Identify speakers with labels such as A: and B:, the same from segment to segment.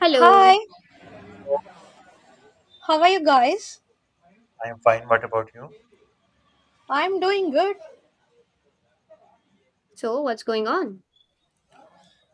A: Hello.
B: Hi, how are you guys?
C: I am fine. What about you?
B: I'm doing good.
A: So, what's going on?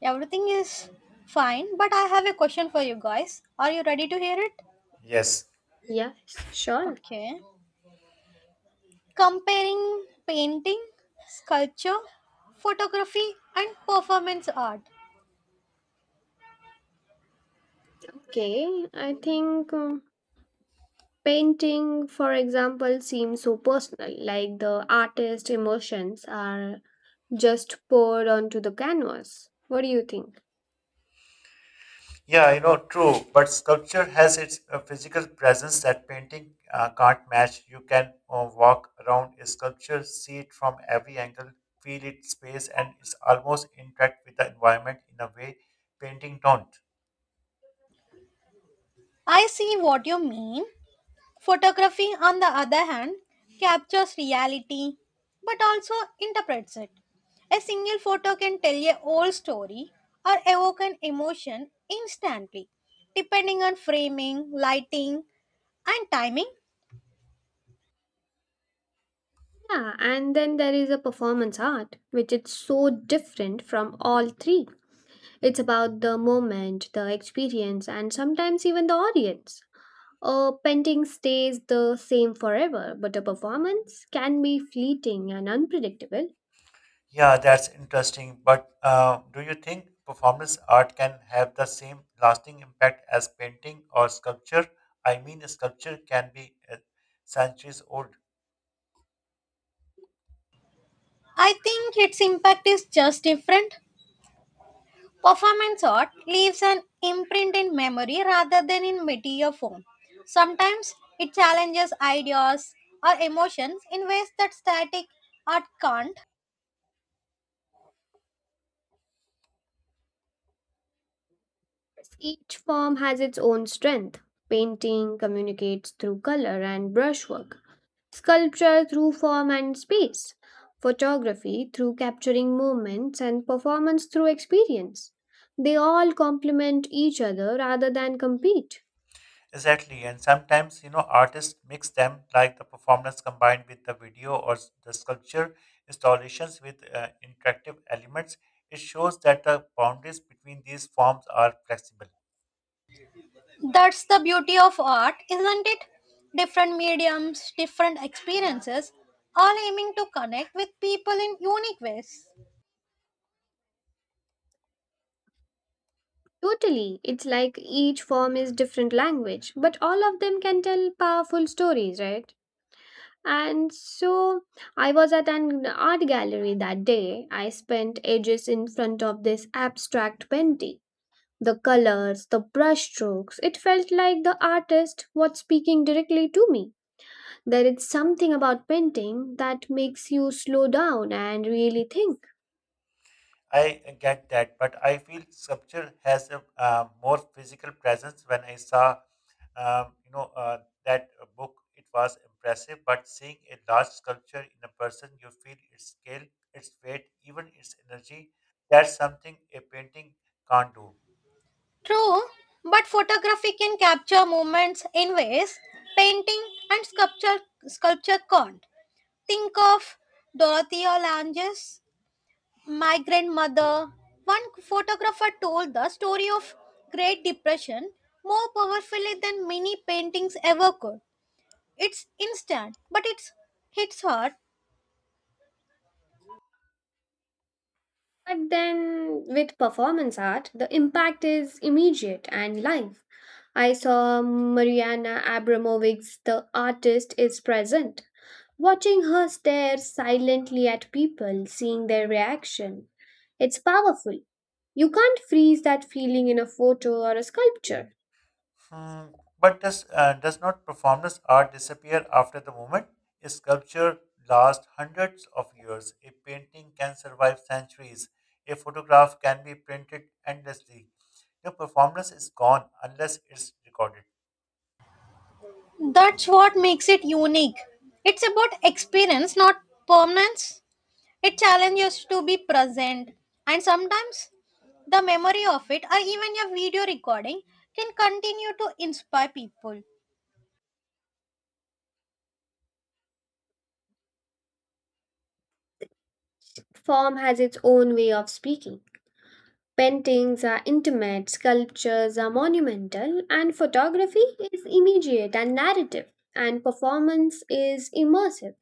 B: Everything is fine, but I have a question for you guys. Are you ready to hear it?
C: Yes.
A: Yes, sure.
B: Okay. Comparing painting, sculpture, photography, and performance art.
A: Okay, I think painting, for example, seems so personal, like the artist's emotions are just poured onto the canvas. What do you think?
C: Yeah, you know, true. But sculpture has its physical presence that painting can't match. You can walk around a sculpture, see it from every angle, feel its space, and it's almost interact with the environment in a way painting don't.
B: I see what you mean. Photography, on the other hand, captures reality but also interprets it. A single photo can tell a whole story or evoke an emotion instantly, depending on framing, lighting, and timing.
A: Yeah, and then there is a performance art, which is so different from all three. It's about the moment, the experience, and sometimes even the audience. A painting stays the same forever, but a performance can be fleeting and unpredictable.
C: Yeah, that's interesting. But do you think performance art can have the same lasting impact as painting or sculpture? I mean, a sculpture can be centuries old.
B: I think its impact is just different. Performance art leaves an imprint in memory rather than in material form. Sometimes it challenges ideas or emotions in ways that static art can't.
A: Each form has its own strength. Painting communicates through color and brushwork, sculpture through form and space, photography through capturing moments, and performance through experience. They all complement each other rather than compete.
C: Exactly, and sometimes you know artists mix them like the performance combined with the video or the sculpture installations with interactive elements. It shows that the boundaries between these forms are flexible.
B: That's the beauty of art, isn't it? Different mediums, different experiences, all aiming to connect with people in unique ways.
A: Totally, it's like each form is different language, but all of them can tell powerful stories, right? And so I was at an art gallery that day. I spent ages in front of this abstract painting. The colors, the brushstrokes, it felt like the artist was speaking directly to me. There is something about painting that makes you slow down and really think.
C: I get that, but I feel sculpture has a more physical presence. When I saw, um, you know, uh, that book, it was impressive. But seeing a large sculpture in a person, you feel its scale, its weight, even its energy. That's something a painting can't do.
B: True, but photography can capture moments in ways painting and sculpture can't. Think of Dorothea Lange's My Grandmother. One photographer told the story of Great Depression more powerfully than many paintings ever could. It's instant, but it's hits hard.
A: But then with performance art, the impact is immediate and live. I saw Mariana Abramovic's The Artist is Present. Watching her stare silently at people, seeing their reaction, it's powerful. You can't freeze that feeling in a photo or a sculpture.
C: Hmm, but does not performance art disappear after the moment? A sculpture lasts hundreds of years. A painting can survive centuries. A photograph can be printed endlessly. The performance is gone unless it's recorded.
B: That's what makes it unique. It's about experience, not permanence. It challenges to be present, and sometimes the memory of it, or even your video recording, can continue to inspire people.
A: Form has its own way of speaking. Paintings are intimate, sculptures are monumental, and photography is immediate and narrative, and performance is immersive.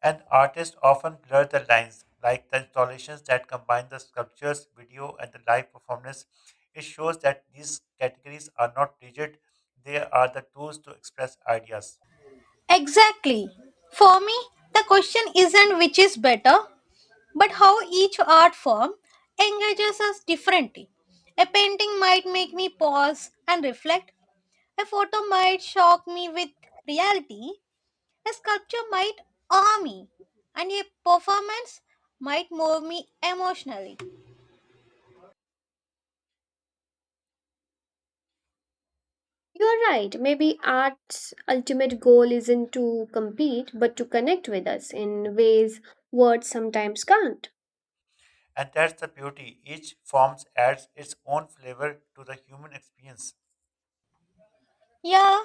C: And artists often blur the lines, like the installations that combine the sculptures, video, and the live performance. It shows that these categories are not rigid; they are the tools to express ideas.
B: Exactly. For me, the question isn't which is better, but how each art form engages us differently. A painting might make me pause and reflect, a photo might shock me with reality, a sculpture might awe me, and a performance might move me emotionally.
A: You're right, maybe art's ultimate goal isn't to compete but to connect with us in ways words sometimes can't.
C: And that's the beauty. Each form adds its own flavor to the human experience.
B: Yeah,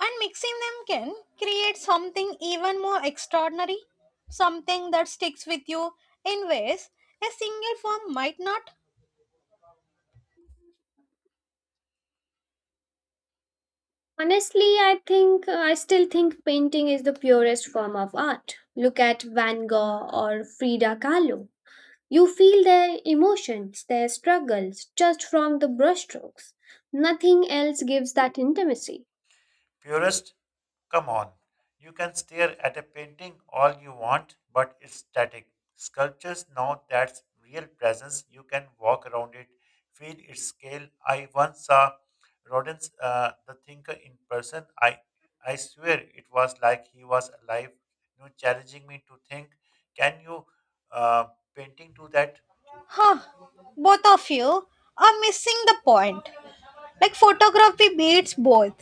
B: and mixing them can create something even more extraordinary, something that sticks with you in ways a single form might not.
A: Honestly, I still think painting is the purest form of art. Look at Van Gogh or Frida Kahlo. You feel their emotions, their struggles, just from the brushstrokes. Nothing else gives that intimacy.
C: Purist, come on. You can stare at a painting all you want, but it's static. Sculptures know that's real presence. You can walk around it, feel its scale. I once saw Rodin's The Thinker in person. I swear it was like he was alive, you know, challenging me to think. Can you uh, painting do that?
B: Huh, both of you are missing the point. Like photography beats both.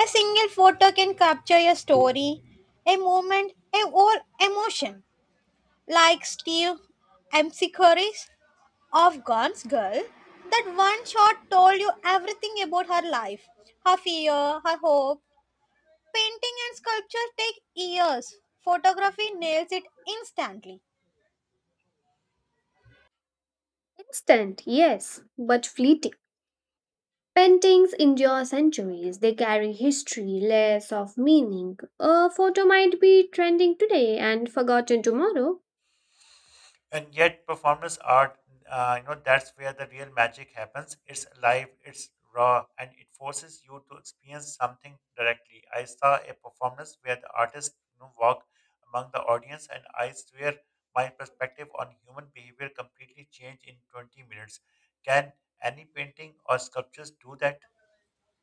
B: A single photo can capture a story, a moment, a or emotion. Like Steve Amsicori's of Gone Girl, that one shot told you everything about her life, her fear, her hope. Painting and sculpture take years. Photography nails it instantly.
A: Instant, yes, but fleeting. Paintings endure centuries. They carry history, layers of meaning. A photo might be trending today and forgotten tomorrow.
C: And yet performance art, you know, that's where the real magic happens. It's alive, it's raw, and it forces you to experience something directly. I saw a performance where the artist, you know, walked among the audience, and I swear my perspective on human behavior completely changed in 20 minutes. Can any painting or sculptures do that?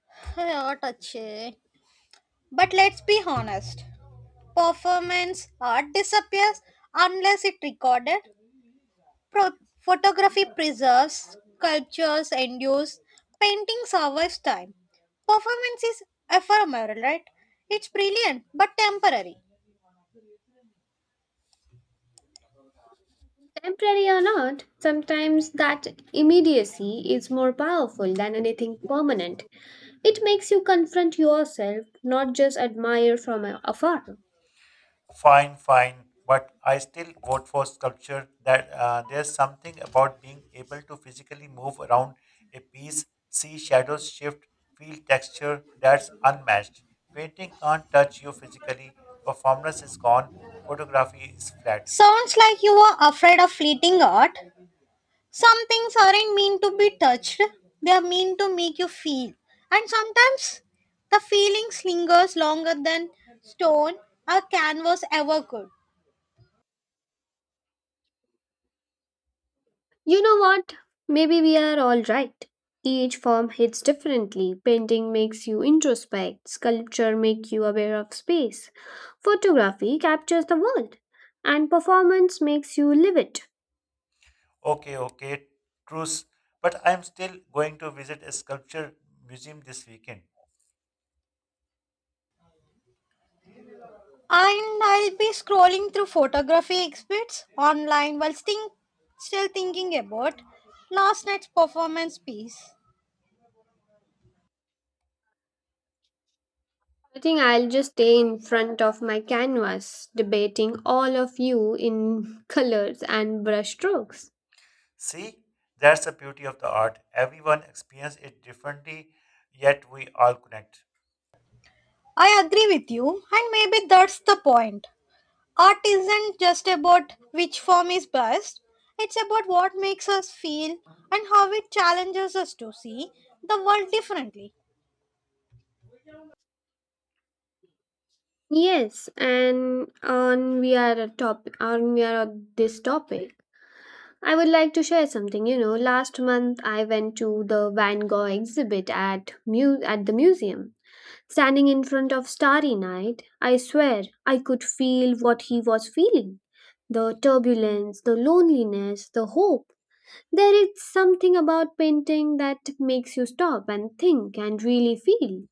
B: Yeah, touch it. But let's be honest. Performance art disappears unless it recorded. Photography preserves, sculptures endures, painting survives time. Performance is ephemeral, right? It's brilliant but temporary.
A: Temporary or not, sometimes that immediacy is more powerful than anything permanent. It makes you confront yourself, not just admire from afar.
C: Fine, fine, but I still vote for sculpture. That There's something about being able to physically move around a piece, see shadows shift, feel texture that's unmatched. Painting can't touch you physically. Performance is gone. Photography is flat.
B: Sounds like you are afraid of fleeting art. Some things aren't meant to be touched, they are meant to make you feel. And sometimes the feeling lingers longer than stone or canvas ever could.
A: You know what? Maybe we are all right. Each form hits differently. Painting makes you introspect, sculpture makes you aware of space, photography captures the world, and performance makes you live it.
C: Okay, okay, truce. But I'm still going to visit a sculpture museum this weekend.
B: And I'll be scrolling through photography exhibits online while still thinking about last night's performance piece.
A: I think I'll just stay in front of my canvas, debating all of you in colors and brush strokes.
C: See, that's the beauty of the art. Everyone experiences it differently, yet we all connect.
B: I agree with you, and maybe that's the point. Art isn't just about which form is best, it's about what makes us feel and how it challenges us to see the world differently.
A: Yes, and on we are a topic on we are on this topic. I would like to share something. You know, last month I went to the Van Gogh exhibit at the museum. Standing in front of Starry Night, I swear I could feel what he was feeling. The turbulence, the loneliness, the hope. There is something about painting that makes you stop and think and really feel.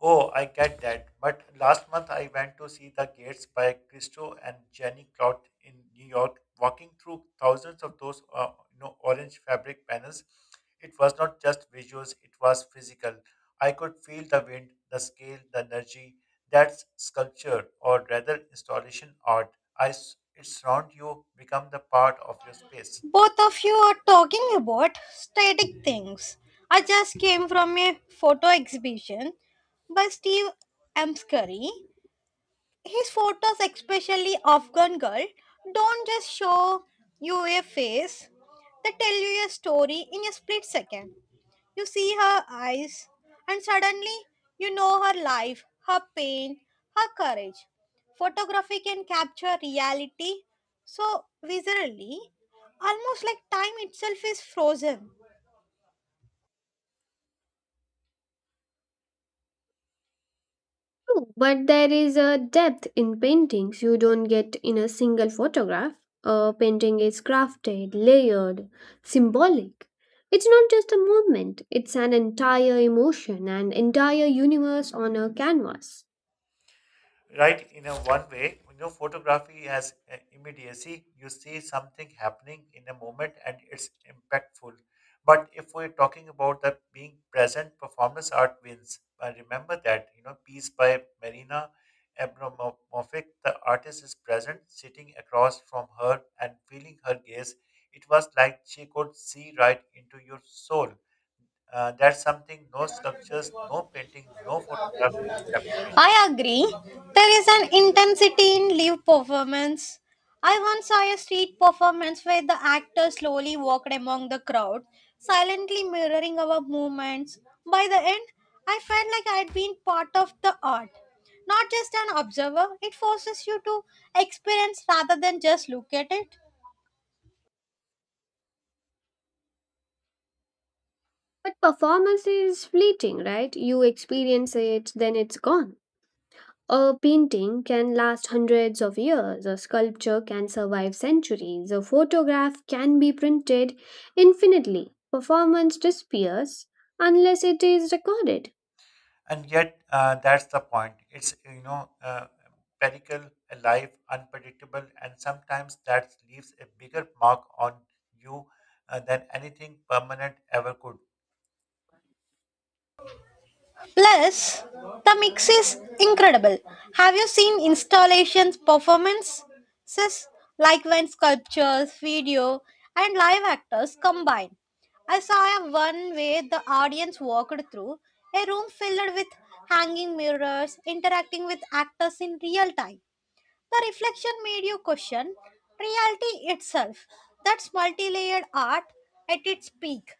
C: Oh, I get that. But last month I went to see The Gates by Christo and Jenny Clot in New York, walking through thousands of those orange fabric panels. It was not just visuals, it was physical. I could feel the wind, the scale, the energy. That's sculpture, or rather installation art. It surrounds you, become the part of your space.
B: Both of you are talking about static things. I just came from a photo exhibition by Steve Amscurry. His photos, especially Afghan Girl, don't just show you a face, they tell you a story in a split second. You see her eyes, and suddenly you know her life, her pain, her courage. Photography can capture reality so viscerally, almost like time itself is frozen.
A: True, but there is a depth in paintings you don't get in a single photograph. A painting is crafted, layered, symbolic. It's not just a movement, it's an entire emotion, an entire universe on a canvas.
C: Right, in a one way, you know, photography has immediacy. You see something happening in a moment and it's impactful. But if we're talking about that being present, performance art wins. Remember that, you know, piece by Marina Abramovic, The Artist is Present? Sitting across from her and feeling her gaze, it was like she could see right into your soul. That's something no sculptures, no painting, no photograph can replicate.
B: I agree. There is an intensity in live performance. I once saw a street performance where the actor slowly walked among the crowd, silently mirroring our movements. By the end, I felt like I had been part of the art. Not just an observer, it forces you to experience rather than just look at it.
A: But performance is fleeting, right? You experience it, then it's gone. A painting can last hundreds of years, a sculpture can survive centuries, a photograph can be printed infinitely. Performance disappears unless it is recorded.
C: And yet, that's the point. It's, pericled, alive, unpredictable, and sometimes that leaves a bigger mark on you than anything permanent ever could.
B: Plus, the mix is incredible. Have you seen installations, performances like when sculptures, video, and live actors combine? I saw a one where the audience walked through a room filled with hanging mirrors, interacting with actors in real time. The reflection made you question reality itself. That's multi layered art at its peak.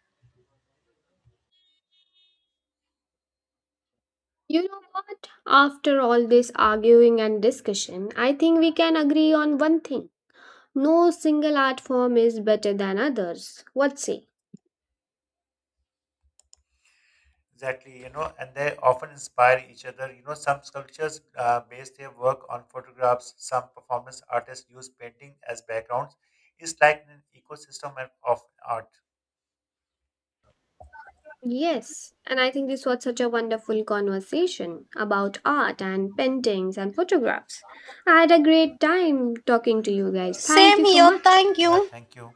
A: You know what? After all this arguing and discussion, I think we can agree on one thing. No single art form is better than others. What say?
C: Exactly, you know, and they often inspire each other. You know, some sculptures base their work on photographs. Some performance artists use painting as backgrounds. It's like an ecosystem of art.
A: Yes, and I think this was such a wonderful conversation about art and paintings and photographs. I had a great time talking to you guys. Thank
B: Same
A: you so
B: here,
A: much.
B: thank
C: Yeah,
B: you.
C: thank you.